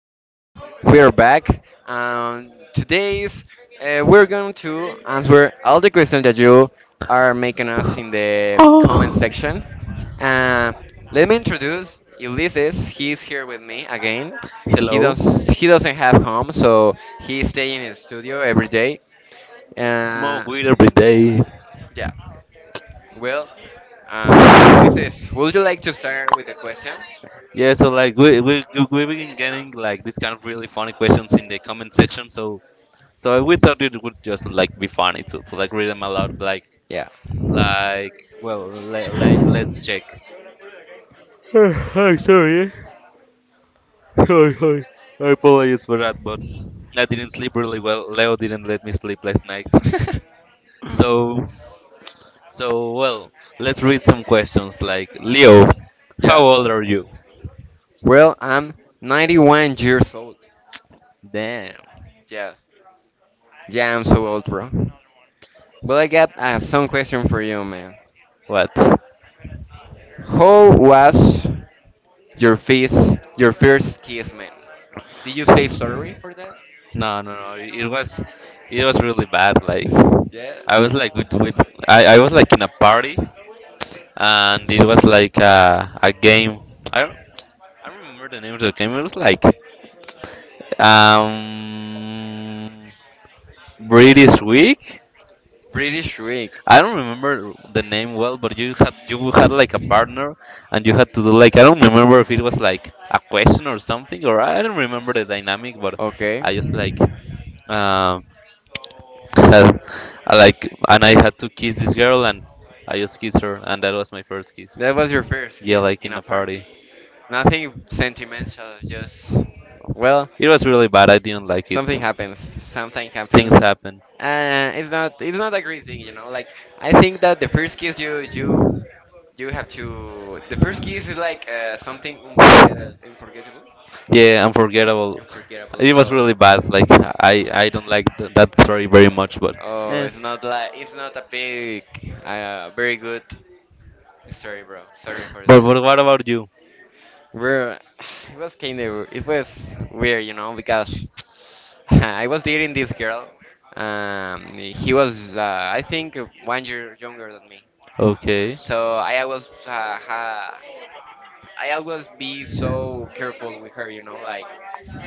we are here, we are back, and today's we're going to answer all the questions that you are making us in the comment Oh. section. Uh, Let me introduce Ulysses. He's here with me again. He Hello. does he doesn't have home, so he's staying in his studio every day. Smoke Uh, weed every day. yeah. Well, Ulysses, would you like to start with the questions? Yeah, so like we been getting like this kind of really funny questions in the comment section. So we thought it would just like be funny to like read them aloud. Yeah. like well let's check. Hi, sorry. Hi. I apologize for that, but I didn't sleep really well. Leo didn't let me sleep last night. So well, let's read some questions like Leo, how Yeah. old are you? Well, I'm 91 years old. Damn. Yeah. Yeah, I'm so old, bro. Well, I got some question for you, man. What? How was your first kiss, man? Did you say sorry for that? No, no, no. It was really bad. Like Yeah. I was like with I was like in a party, and it was like a game. I don't I don't remember the name of the game. It was like um British Week. Pretty shriek. I don't remember the name well, but you had like a partner, and you had to do like I don't remember if it was like a question or something, or I don't remember the dynamic, but Okay. I just like um had I like and I had to kiss this girl, and I just kissed her, and that was my first kiss. That was your first Yeah, kiss like in in a a party. party. Nothing sentimental, just, well, It was really bad. I didn't like something happens. Something happens. things happen. It's not a great thing, you know. Like I think that the first kiss you you you have to the first kiss is like something unforgettable, unforgettable, Yeah, unforgettable. unforgettable. It was So, really bad. Like I don't like that story very much, but oh, it's not a big, very good. Sorry, bro. Sorry for that. but what about you? Bro, it was weird, you know, because I was dating this girl. He was I think one year younger than me. Okay. So I was I always be so careful with her, you know, like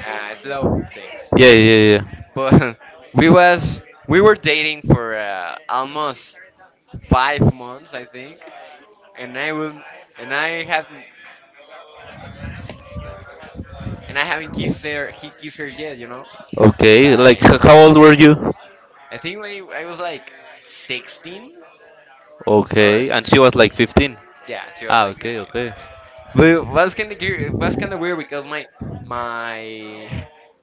slow things. Yeah, yeah, yeah. But we was we were dating for almost 5 months, I think, and I was and I haven't and I haven't kissed her. He kissed her yet, you know. Okay, like Like how old were you? I think I was like 16 or Okay, and she s- was like 15. yeah, she was Ah, like okay, 15. okay. But was kind of it was kind of weird because my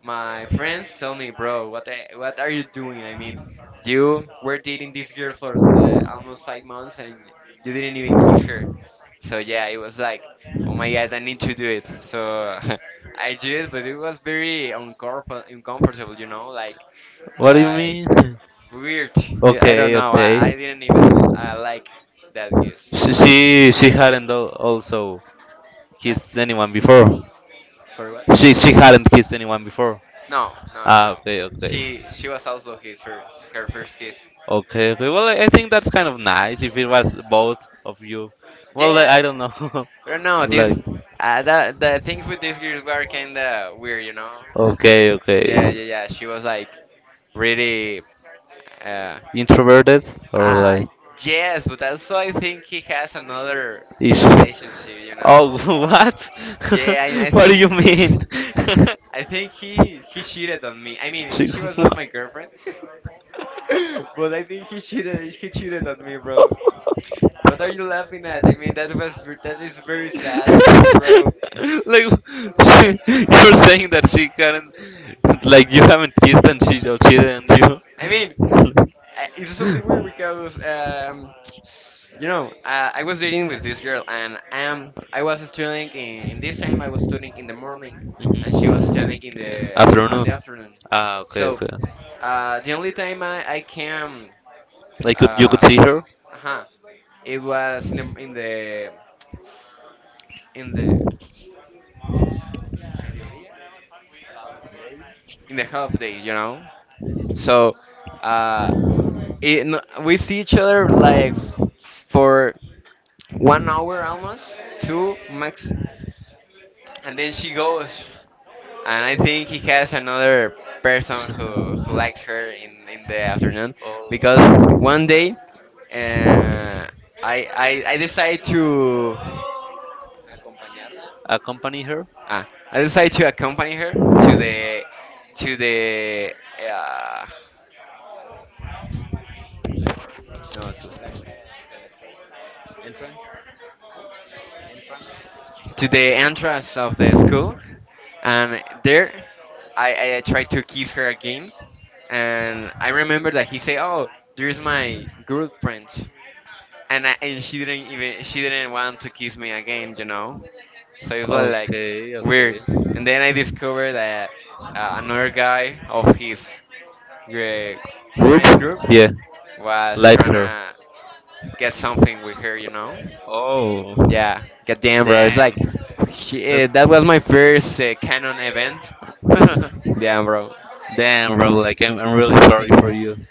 my friends tell me, bro, what are you doing? I mean, you were dating this girl for almost 5 months and you didn't even kiss her. So yeah, it was like, oh my god, I need to do it. So I did, but it was very uncomfortable, you know, like, What do you like mean? weird. I don't Okay, know. I didn't even like that kiss. She hadn't also Huh? kissed anyone before. For what? She hadn't kissed anyone before. No, no, no, Ah, okay, no. okay, She was also his first her first kiss. okay, okay. Well, I think that's kind of nice if it was both of you. Well, I Yeah, don't know. but no, this Like, the things with these girls were kinda weird, you know. okay, okay, Yeah, yeah, yeah. She was like really. Uh, introverted or uh like yes, but also I think he has another is. relationship, you Oh, know. what? Yeah, I What do think you mean? I think he cheated on me. I mean, she was not my girlfriend. But I think he cheated on me, bro. What are you laughing at? I mean, that is very sad for me, bro. Like, you're saying that she can't, like you haven't kissed and she or cheated on I mean, you. It's something weird because you know, I was dating with this girl, and I was studying in this time. I was studying in the morning, and she was studying in the on the afternoon. Uh, So, the only time I came, like could uh, see her huh, it was in the in the half day, you know. So, uh, it, no- we see each other like for one hour almost, two max, and then she goes. And I think he has another person who likes her in the afternoon because one day uh, I, I I decide to accompany her. uh, I decide to accompany her to the uh, no to, to the entrance of the school, and there I tried to kiss her again, and I remember that he said, "Oh, there's my girlfriend," and she didn't even she didn't want to kiss me again, you know. So it was like Okay, okay. weird, and then I discovered that another guy of his uh, Group, friends group yeah. was trying to get something with her, you know. Oh, Yeah, goddamn, bro. It's like shit, that was my first canon event. Damn, bro. damn bro, like I'm really sorry for you.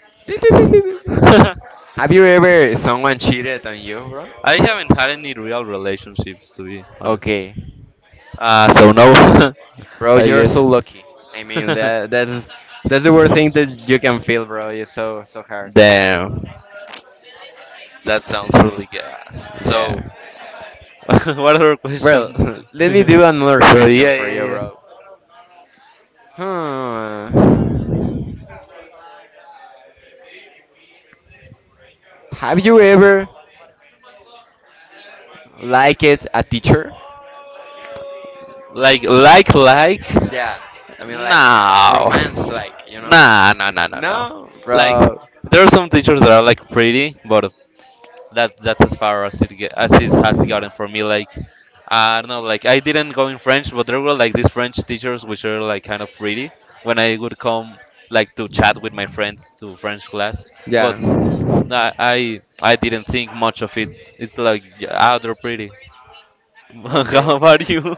Have you ever someone cheated on you, bro? I haven't had any real relationships, to be honest. Okay, Ah, so no. bro, you're Guess. so lucky. I mean, that's the worst thing that you can feel, bro. It's so, so hard. Damn, that sounds really good. So Yeah. what other Well, question? let me do another So question yeah, for yeah, you, yeah. bro. Hmm. Have you ever liked a teacher? Like, like? Yeah. I mean, No. like romance, Nah, like, you know? nah, nah, nah, nah. No, Like, bro. there are some teachers that are like pretty, but that's as far as it has gotten for me. Like, I don't know. Like, I didn't go in French, but there were like these French teachers which are like kind of pretty. When I would come like to chat with my friends to French class, Yeah. but I didn't think much of it. It's like, yeah, ah, they're pretty. Okay. How about you?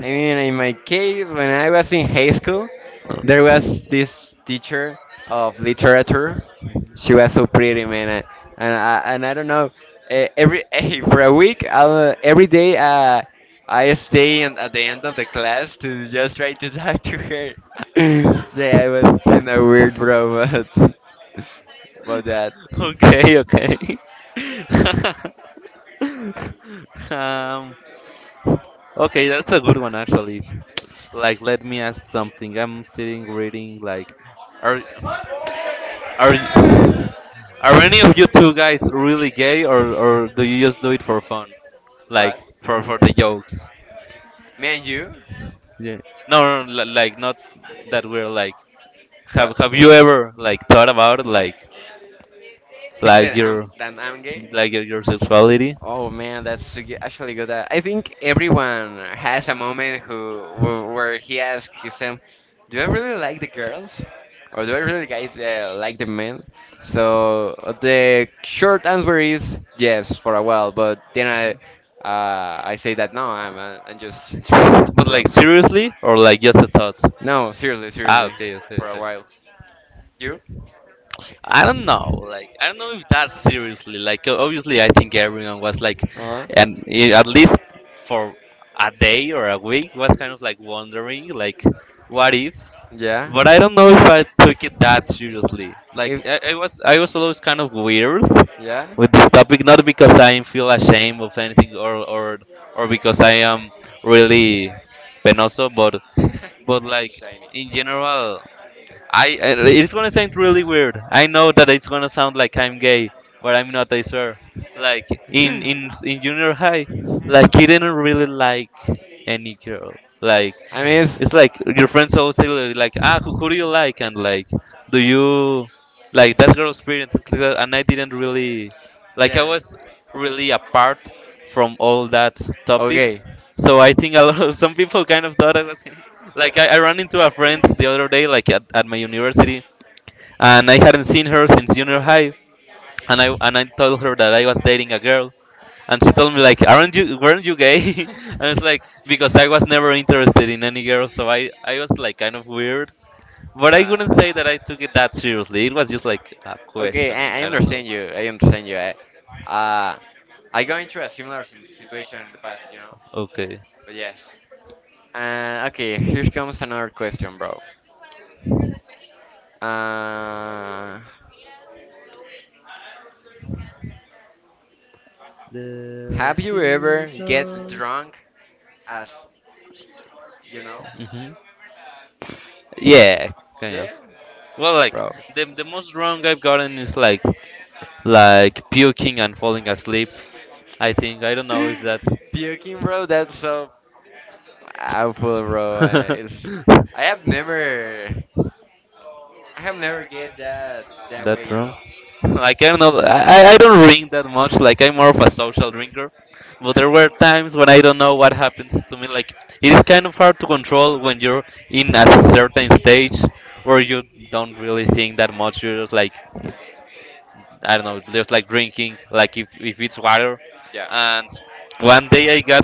I mean, in my case, when I was in high school, there was this teacher of literature. She was so pretty, man. And and I don't know. Every for a week, I'll, every day, I stay at the end of the class to just try to talk to her. Yeah, it was kind of weird, bro. But about that. Okay, okay. um, okay, that's a good one actually. Like, let me ask something. I'm sitting reading. Like, are are are any of you two guys really gay, or do you just do it for fun, like What? For the jokes? Me and you? Yeah. No, no, no, like not that we're like. What? Have you ever like thought about it, like Think that your I'm gay? like your sexuality? Oh man, that's actually good. I think everyone has a moment where he asks himself, "Do I really like the girls, or do I really like the men?" So the short answer is yes for a while, but then I say that no, I'm just straight, But bro. like seriously, or like just a thought? No, seriously, Ah, seriously, okay, for a while. You? I don't know. Like, I don't know if that seriously. Like, obviously, I think everyone was like, Uh, and at least for a day or a week, was kind of like wondering, like, what if? yeah. But I don't know if I took it that seriously. Like, If I was always kind of weird Yeah. with this topic, not because I feel ashamed of anything or because I am really penoso, but like Shiny. in general, it's gonna sound really weird. I know that it's gonna sound like I'm gay, but I'm not. I swear. Like in junior high, like you didn't really like any girl. Like I mean, it's, it's like your friends always say like ah who do you like, and like do you like that girl, experience it's like that, and I didn't really like I was really apart from all that topic. okay. So I think a lot of some people kind of thought I was gay. Like I ran into a friend the other day like at my university, and I hadn't seen her since junior high. And I told her that I was dating a girl, and she told me like, "Aren't you, weren't you gay?" And it's like because I was never interested in any girl, so I was like kind of weird. But I Uh, couldn't say that I took it that seriously. It was just like a okay, question. I understand you. I understand you. Uh, I got into a similar situation in the past, you know? Okay. But yes. Okay, here comes another question, bro. Uh, Have you ever get drunk as you know? Hmm. Yeah, kind of. Yeah, Well, like bro. The most wrong I've gotten is like puking and falling asleep. I think I don't know if that. Puking, bro. That's so awful, bro. It's I have never get that way, you know. Like I don't know, I don't drink that much. Like I'm more of a social drinker, but there were times when I don't know what happens to me. Like it is kind of hard to control when you're in a certain stage where you don't really think that much. You're just like I don't know, just like drinking, like if it's water. Yeah. And one day I got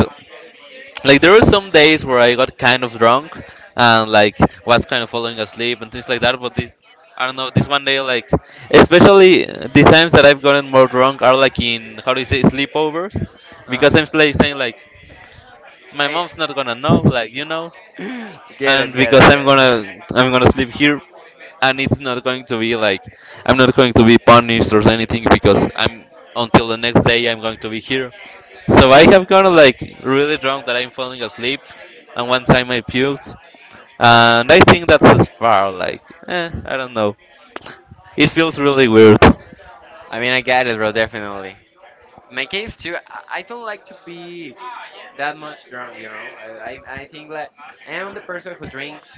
like there were some days where I got kind of drunk and like was kind of falling asleep and things like that. But this, I don't know, this one day like, especially the times that I've gotten more drunk are like in how do you say sleepovers, Uh because I'm huh. like saying like my I mom's not gonna know, like you know, get and it, get because it, get it. I'm gonna sleep here, and it's not going to be like I'm not going to be punished or anything because I'm until the next day I'm going to be here, so I have gotten like really drunk that I'm falling asleep, and one time I puked, and I think that's as far. Like, I don't know. It feels really weird. I mean, I get it, bro. Definitely. In my case too, I don't like to be that much drunk, you know. I think like I'm the person who drinks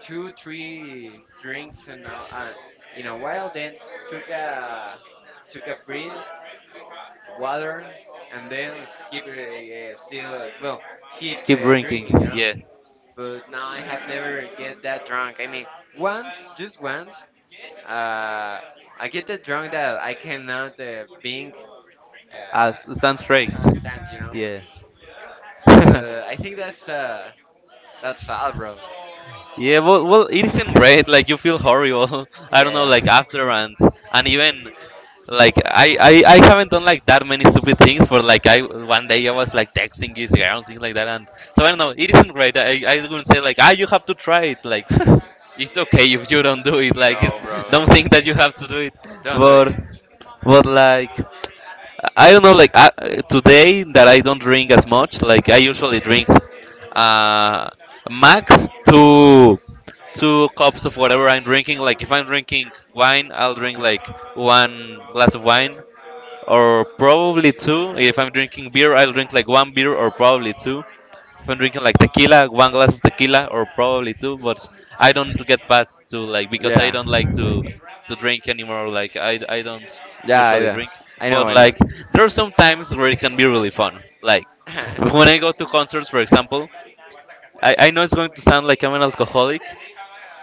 two three drinks uh, in a while, then took a took a breath, water, and then keep still well, keep drinking, you know. Yeah, But no, I have never get that drunk. I mean, once, just once, uh, I get that drunk that I cannot being it sounds fake. Stand, you know. Yeah. But I think that's sad, bro. Yeah, well, well, it isn't great. Like you feel horrible. I don't know, like Yeah. after, and even like I haven't done like that many stupid things, but like I one day I was like texting this girl and things like that, and so I don't know. It isn't great. I wouldn't say like ah you have to try it. Like it's okay if you don't do it. Like, it, No, bro, don't no, think that you have to do it. don't do But it. but like, I don't know. Like today that I don't drink as much. Like I usually drink uh max two cups of whatever I'm drinking. Like if I'm drinking wine, I'll drink like one glass of wine or probably two. If I'm drinking beer, I'll drink like one beer or probably two. I've been drinking like tequila, one glass of tequila or probably two, but I don't get past two like because I Yeah. don't like to drink anymore. Like I don't Yeah, I usually do. drink, I know, but I know. like there are some times where it can be really fun. Like when I go to concerts, for example, I know it's going to sound like I'm an alcoholic,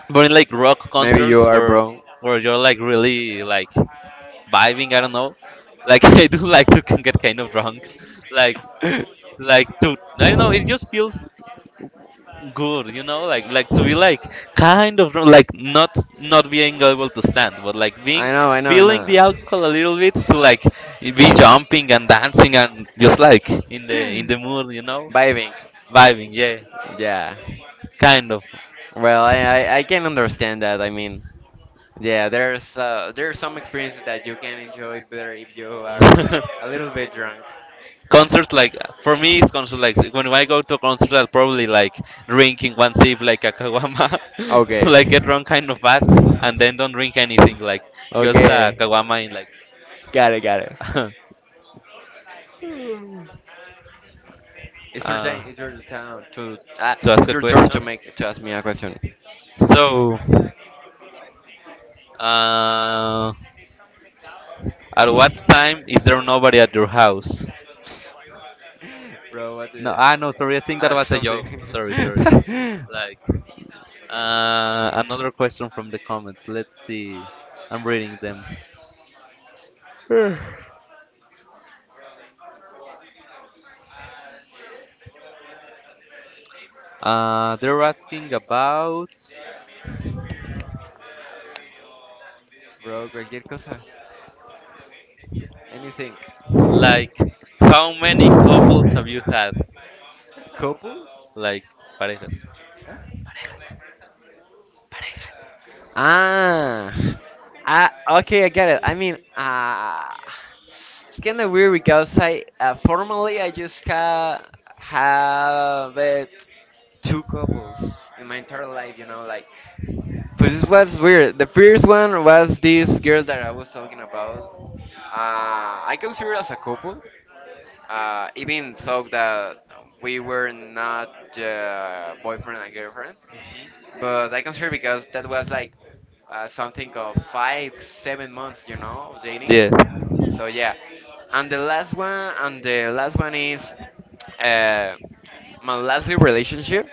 but in like rock Maybe concerts you are, where bro. You're like really like vibing, I don't know. Like I do like to can get kind of drunk, like like to I don't know. It just feels good, you know, like to be like kind of like not not being able to stand but like being I know, I know, I feeling know. the alcohol a little bit to like be jumping and dancing and just like in the mood, you know, Vibing. vibing, yeah, Yeah. kind of Well, I can understand that. I mean, yeah, there's some experiences that you can enjoy better if you are a little bit drunk. concerts. Like for me it's concert like when I go to a concert I'll probably like drinking one sip like a kawama to Okay. like get drunk kind of fast and then don't drink anything like just a Okay. kawama in like Got it, got it. uh, It's your time. It's your turn to. To ask It's a your turn question, to ask me a question. so uh, at what time is there nobody at your house? Bro, what No, the? ah, no, sorry. I think that Ask was a something. joke. Sorry, sorry. Like, another question from the comments. Let's see. I'm reading them. They're asking about Bro, cualquier cosa. Anything. like how many couples have you had? Couples? Like parejas. Parejas. Parejas. Ah, ah, okay, I get it. I mean, it's kind of weird because I formally I just ha have it two couples in my entire life, you know, like. But this was weird. The first one was this girl that I was talking about. I consider us a couple. Even so that we were not boyfriend and girlfriend. But I consider because that was like something of five, 7 months, you know, of dating. So yeah. And the last one is uh, my last relationship.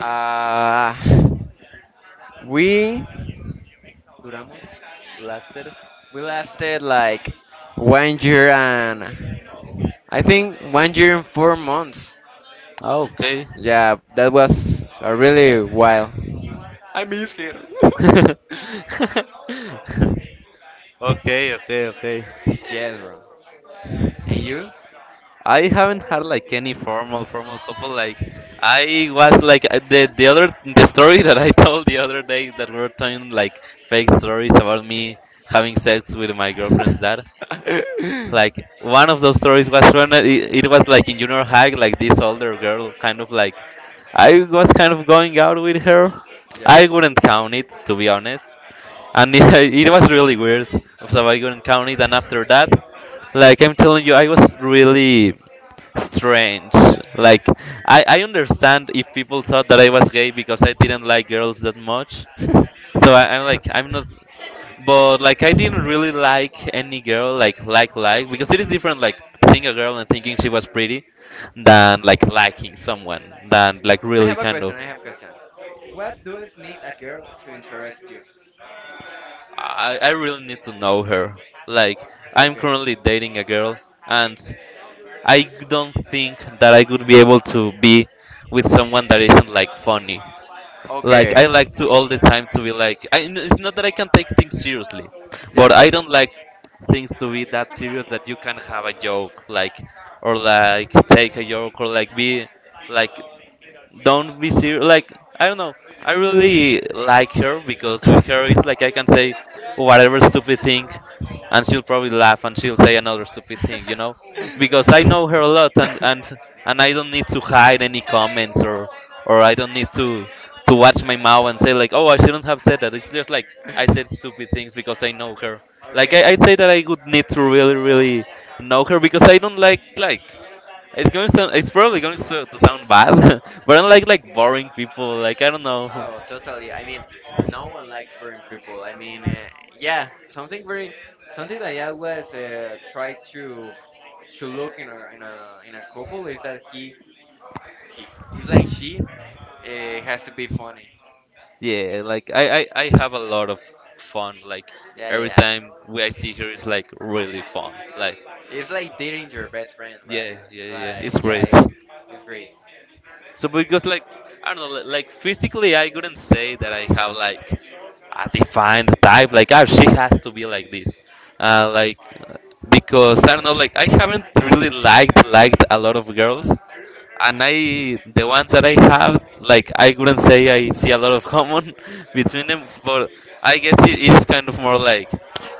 Uh, we duramos. Láser. We lasted like one year and I think one year and 4 months. Ah, okay. Yeah, that was a really while. He's here. Okay, okay, okay. Yes, bro. And you? I haven't had like any formal formal couple. Like I was like the other the story that I told the other day that we were telling like fake stories about me having sex with my girlfriend's dad. Yeah. Like one of those stories was when it was like in junior high, like this older girl kind of like I was kind of going out with her. I wouldn't count it to be honest, and it was really weird. So I wouldn't count it, and after that, I'm telling you, I was really strange. Like I understand if people thought that I was gay because I didn't like girls that much. So I'm like I'm not, but like I didn't really like any girl like because it is different, like seeing a girl and thinking she was pretty than like liking someone than like I really have a question. I have a question. What does need a girl to interest you? I really need to know her. Like I'm Okay. currently dating a girl, and I don't think that I could be able to be with someone that isn't like funny. Like Okay. I like to all the time to be like it's not that I can take things seriously, but Yeah. I don't like things to be that serious, that you can have a joke, like or like take a joke, or like be like don't be serious. Like I don't know. I really like her because with her it's like I can say whatever stupid thing, and she'll probably laugh and she'll say another stupid thing, you know, because I know her a lot, and I don't need to hide any comments, or I don't need to watch my mouth and say like, oh, I shouldn't have said that. It's just like I said stupid things because I know her. Like Okay. I'd say that I would need to really really know her, because I don't it's going to sound, it's probably going to to sound bad, but I like boring people. Like I don't know. Oh, totally. I mean, no one likes boring people. I mean, yeah, something that I always try to look in a couple is that he it's like she has to be funny. Yeah, like I have a lot of fun. Like Yeah, yeah, every yeah. time we I see her, it's like really fun. Like It's like dating your best friend, right? yeah, yeah, It's yeah. It's like, yeah, great. It's great. So because like I don't know, like physically, I couldn't say that I have like a defined type. Like, ah, she has to be like this. Like because I don't know. Like I haven't really liked a lot of girls, and I the ones that I have, like I wouldn't say I see a lot of common between them, but I guess it is kind of more like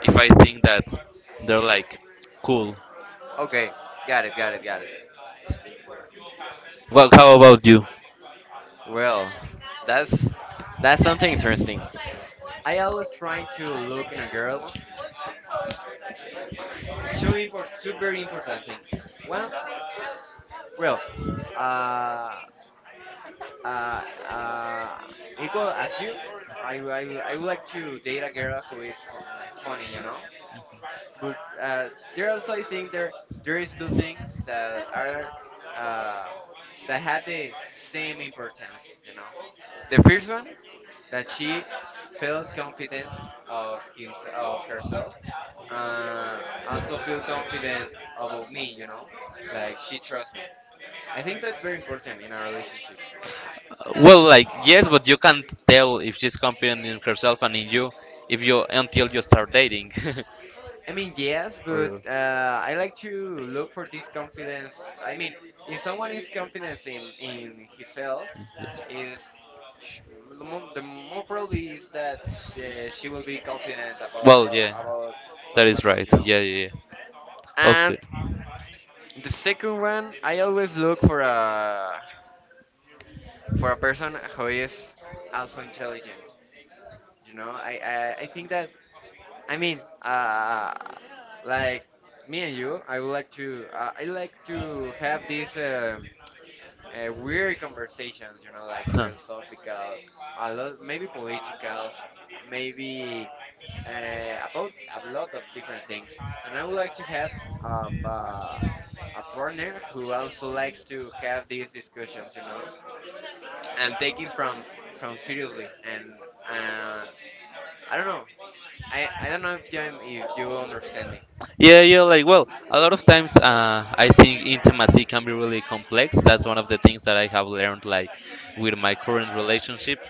if I think that they're like cool. Okay, got it, got it, got it. Well, how about you? Well, that's that's something interesting. I always trying to look in a girl two very important things. One, well, uh, uh, uh, equal as you, I, I, I would like to date a girl who is like funny, you know. But uh, there also, I think there is two things that are uh, that had the same importance. You know, the first one, that she felt confident of herself, uh, also feel confident about me. You know, like she trusts me. I think that's very important in our relationship. Well, like yes, but you can't tell if she's confident in herself and in you if you until you start dating. I mean, yes, but Or- I like to look for this confidence. I mean, if someone is confident in himself, is sh- the more probably is that she will be confident about that someone is else, right. you know. Yeah, yeah, yeah. And the second one, I always look for a person who is also intelligent. You know, I think that. I mean, uh, like me and you, I would like to, I like to have these weird conversations, you know, like philosophical, a lot, maybe political, maybe about a lot of different things. And I would like to have um, uh, a partner who also likes to have these discussions, you know, and take it from seriously and uh, I don't know. I don't know if you understand me. Yeah, yeah, like, well, a lot of times I think intimacy can be really complex. That's one of the things that I have learned, like, with my current relationship,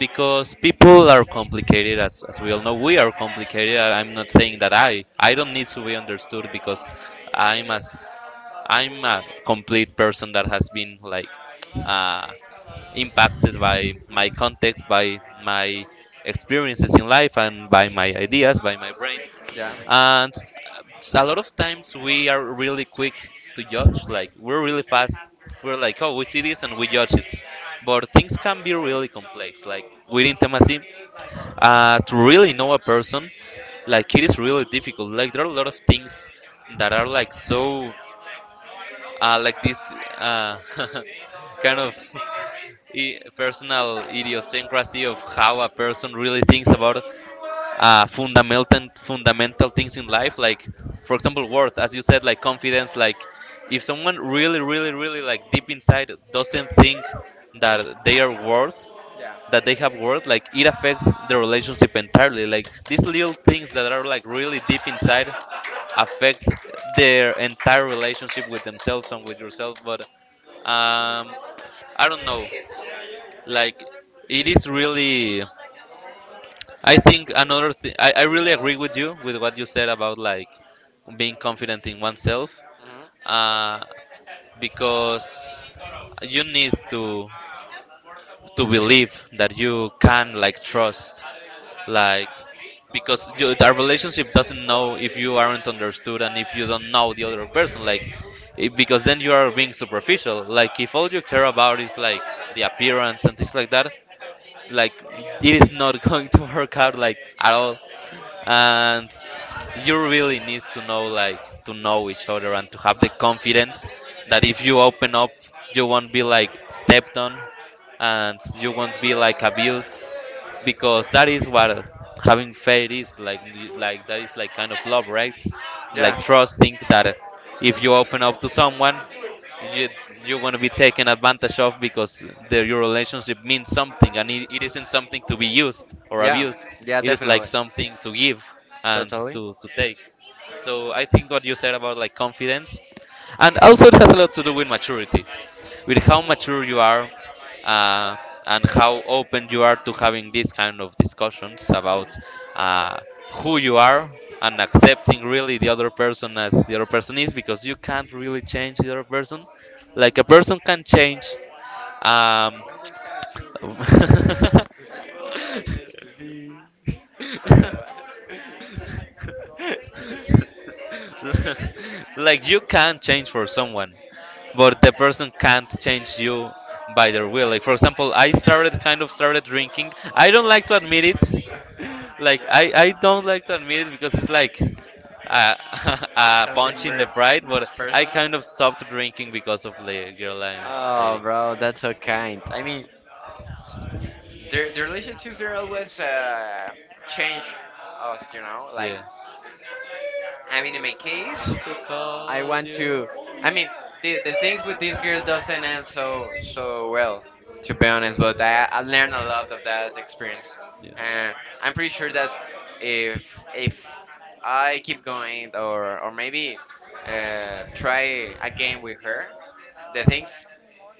because people are complicated, as we all know. We are complicated. I'm not saying that I don't need to be understood because I'm as, I'm a complete person that has been, like, uh, impacted by my context, by my experiences in life, and by my ideas, by my brain, Yeah. and a lot of times we are really quick to judge. Like we're really fast, we're like, oh, we see this and we judge it, but things can be really complex, like with intimacy, to really know a person, like it is really difficult. Like there are a lot of things that are like so, like this, kind of personal idiosyncrasy of how a person really thinks about, fundamental things in life, like for example, worth, as you said, like confidence. Like if someone really really really like deep inside doesn't think that they are worth, Yeah. that they have worth, like it affects the relationship entirely. Like these little things that are like really deep inside affect their entire relationship with themselves and with yourself. But um I don't know, like it is really, I think, another thing. I really agree with you with what you said about like being confident in oneself, uh, because you need to believe that you can like trust, like because you, our relationship doesn't Mhm. know if you aren't understood and if you don't know the other person. Like because then you are being superficial. Like if all you care about is like the appearance and things like that, like it is not going to work out, like at all, and you really need to know, like to know each other, and to have the confidence that if you open up, you won't be like stepped on, and you won't be like abused, because that is what having faith is like. Like that is like kind of love, right? Like Yeah. trusting that if you open up to someone, you, you're going to be taken advantage of, because the, your relationship means something, and it isn't something to be used or Yeah. abused. Yeah, It is definitely. like something to give, and Totally. To take. So I think what you said about like confidence, and also it has a lot to do with maturity, with how mature you are, uh, and how open you are to having these kind of discussions about, uh, who you are, and accepting really the other person as the other person is, because you can't really change the other person. Like a person can change, um, Mhm. Sorry, like you can change for someone, but the person can't change you by their will. Like for example, I started kind of started drinking. I don't like to admit it. Like I what? don't like to admit it because it's like a, a Something punch in the very pride, but I personal. kind of stopped drinking because of the girl I'm. Oh, bro, that's so kind. I mean, the relationships are always change us, you know. Like, Yeah. I mean, in my case, To I call want you. to. I mean, the things with this girl doesn't end so well, to be honest. But I learned a lot of that experience, Yeah. and I'm pretty sure that if I keep going or maybe try again with her, the things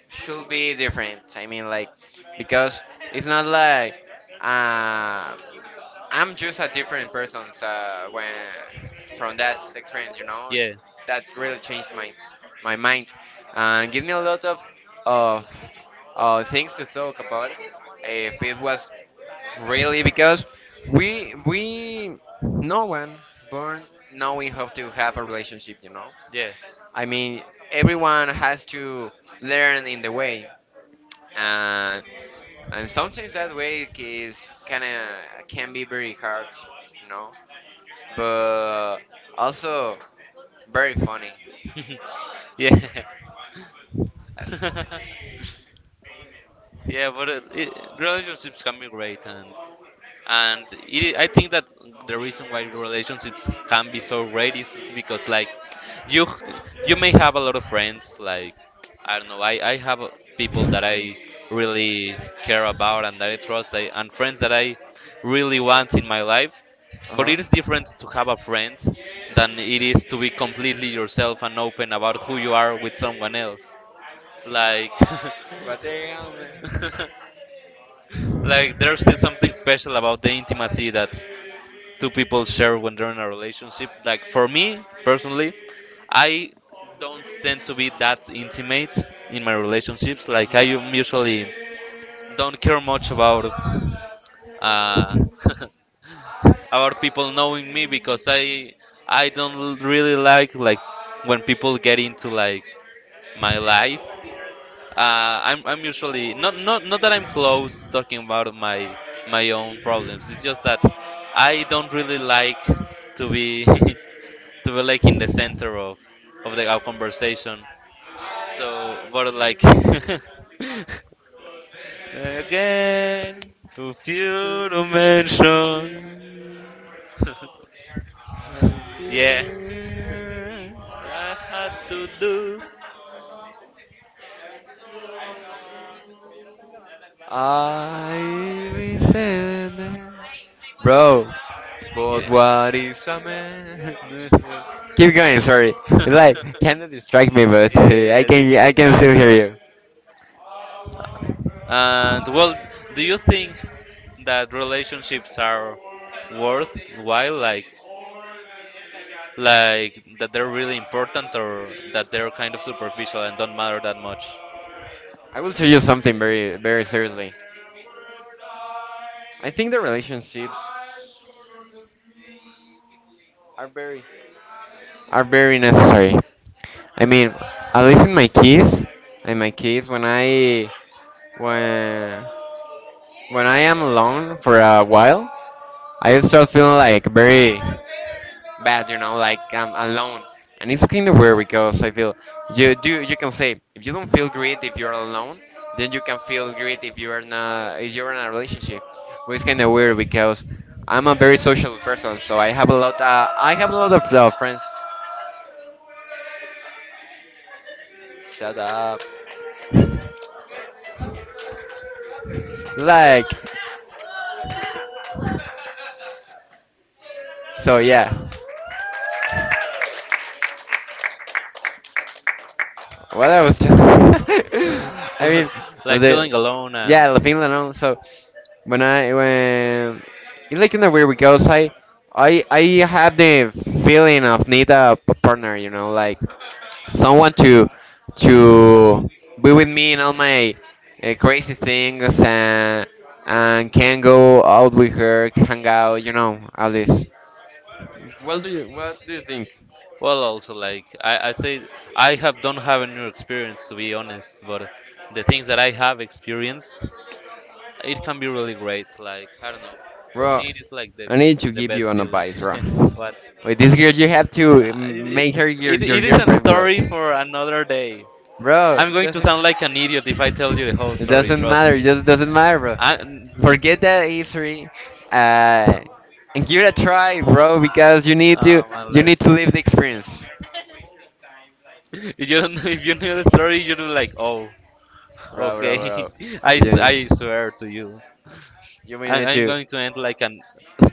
should be different. I mean, like, because it's not like uh, I'm just a different person so when from that experience, you know, it- Yeah. that really changed my my mind and give me a lot of things to talk about. If it was really because we no one born knowing how to have a relationship, you know. Yeah. I mean, everyone has to learn in the way, and and sometimes that way is kind of can be very hard, you know, but also very funny. Yeah. uh yeah. But relationships can be great, and it, I think that the reason why relationships can be so great is because like you you may have a lot of friends. Like I don't know, I have people that I really care about and that I trust, I, and friends that I really want in my life, but huh. it is different to have a friend than it is to be completely yourself and open about who you are with someone else. Like But damn, man. like there's still something special about the intimacy that two people share when they're in a relationship. Like for me personally, I don't tend to be that intimate in my relationships. Like I Mhm. usually don't care much about, uh, about people knowing me, because I don't really like when people get into like my life. I'm usually not that I'm close talking about my my own problems. It's just that I don't really like to be They were like in the center of the our conversation. So, but like again to To few be a dimension. you. Yeah, I had to do. I listen. Bro, but Yeah. what is a man? Keep going, sorry. It's like kind of distract me, but I can still hear you. And well, do you think that relationships are worthwhile? Like that they're really important, or that they're kind of superficial and don't matter that much? I will tell you something very very seriously. I think the relationships are very necessary. I mean, at least in my kids when when I am alone for a while, I start feeling like very bad, you know, like I'm alone. And it's kind of weird because I feel you do you can say if you don't feel great if you're alone, then you can feel great if you're in a relationship. But it's kind of weird because I'm a very social person, so I have a lot I have a lot of friends. Shut up. Like, so yeah. What I was just. I mean, Like the feeling alone. yeah, La Finland. No? So when I when it's like in the weird because I have the feeling of need a p- partner, you know, like someone to be with me in all my crazy things and can go out with her, hang out, you know, all this. What do you think, Well, also like I say, I have don't have a new experience to be honest, but the things that I have experienced, it can be really great. Like I don't know, bro? it is like the, I need to give you an advice, bro. but With this girl, you have to I, make her your, your it is a girlfriend, bro. story for another day. Bro, I'm going to sound like an idiot if I tell you the whole it story. doesn't matter. It just doesn't matter, bro. I, Forget that history, uh, and give it a try, bro. Because you need to live the experience, if you don't, if you know the story, you're like, oh, bro, bro, okay. bro. You need, I swear to you, you may I, need I'm to. going to end like an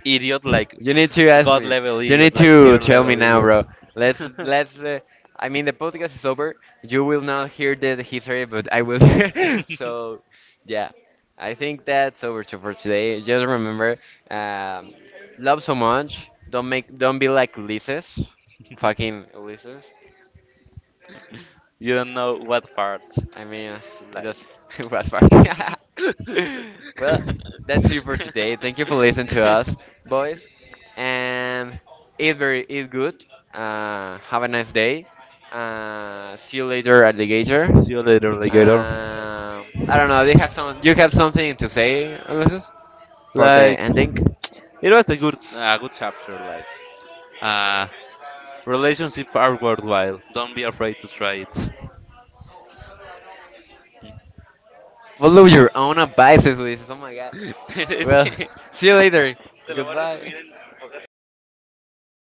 idiot, like You need to ask me. level You E. need to tell me now, bro. Let's let's. I mean, the podcast is over. You will not hear the history, but I will. So, yeah, I think that's over to for today. Just remember, um, love so much. Don't make. Don't be like Ulysses. Fucking Ulysses. You don't know what part. I mean, it Like, does. It was far. Well, that's it for today. Thank you for listening to us, boys. And eat very, eat good. Have a nice day. See you later at the gator. See you later, alligator. I don't know. Do you have some? You have something to say, Ulysses, for the Like ending? it was a good chapter. Like uh, relationship are worthwhile. Don't be afraid to try it. Follow your own advices, Ulysses. Oh my God. es Well, que see you later. Goodbye.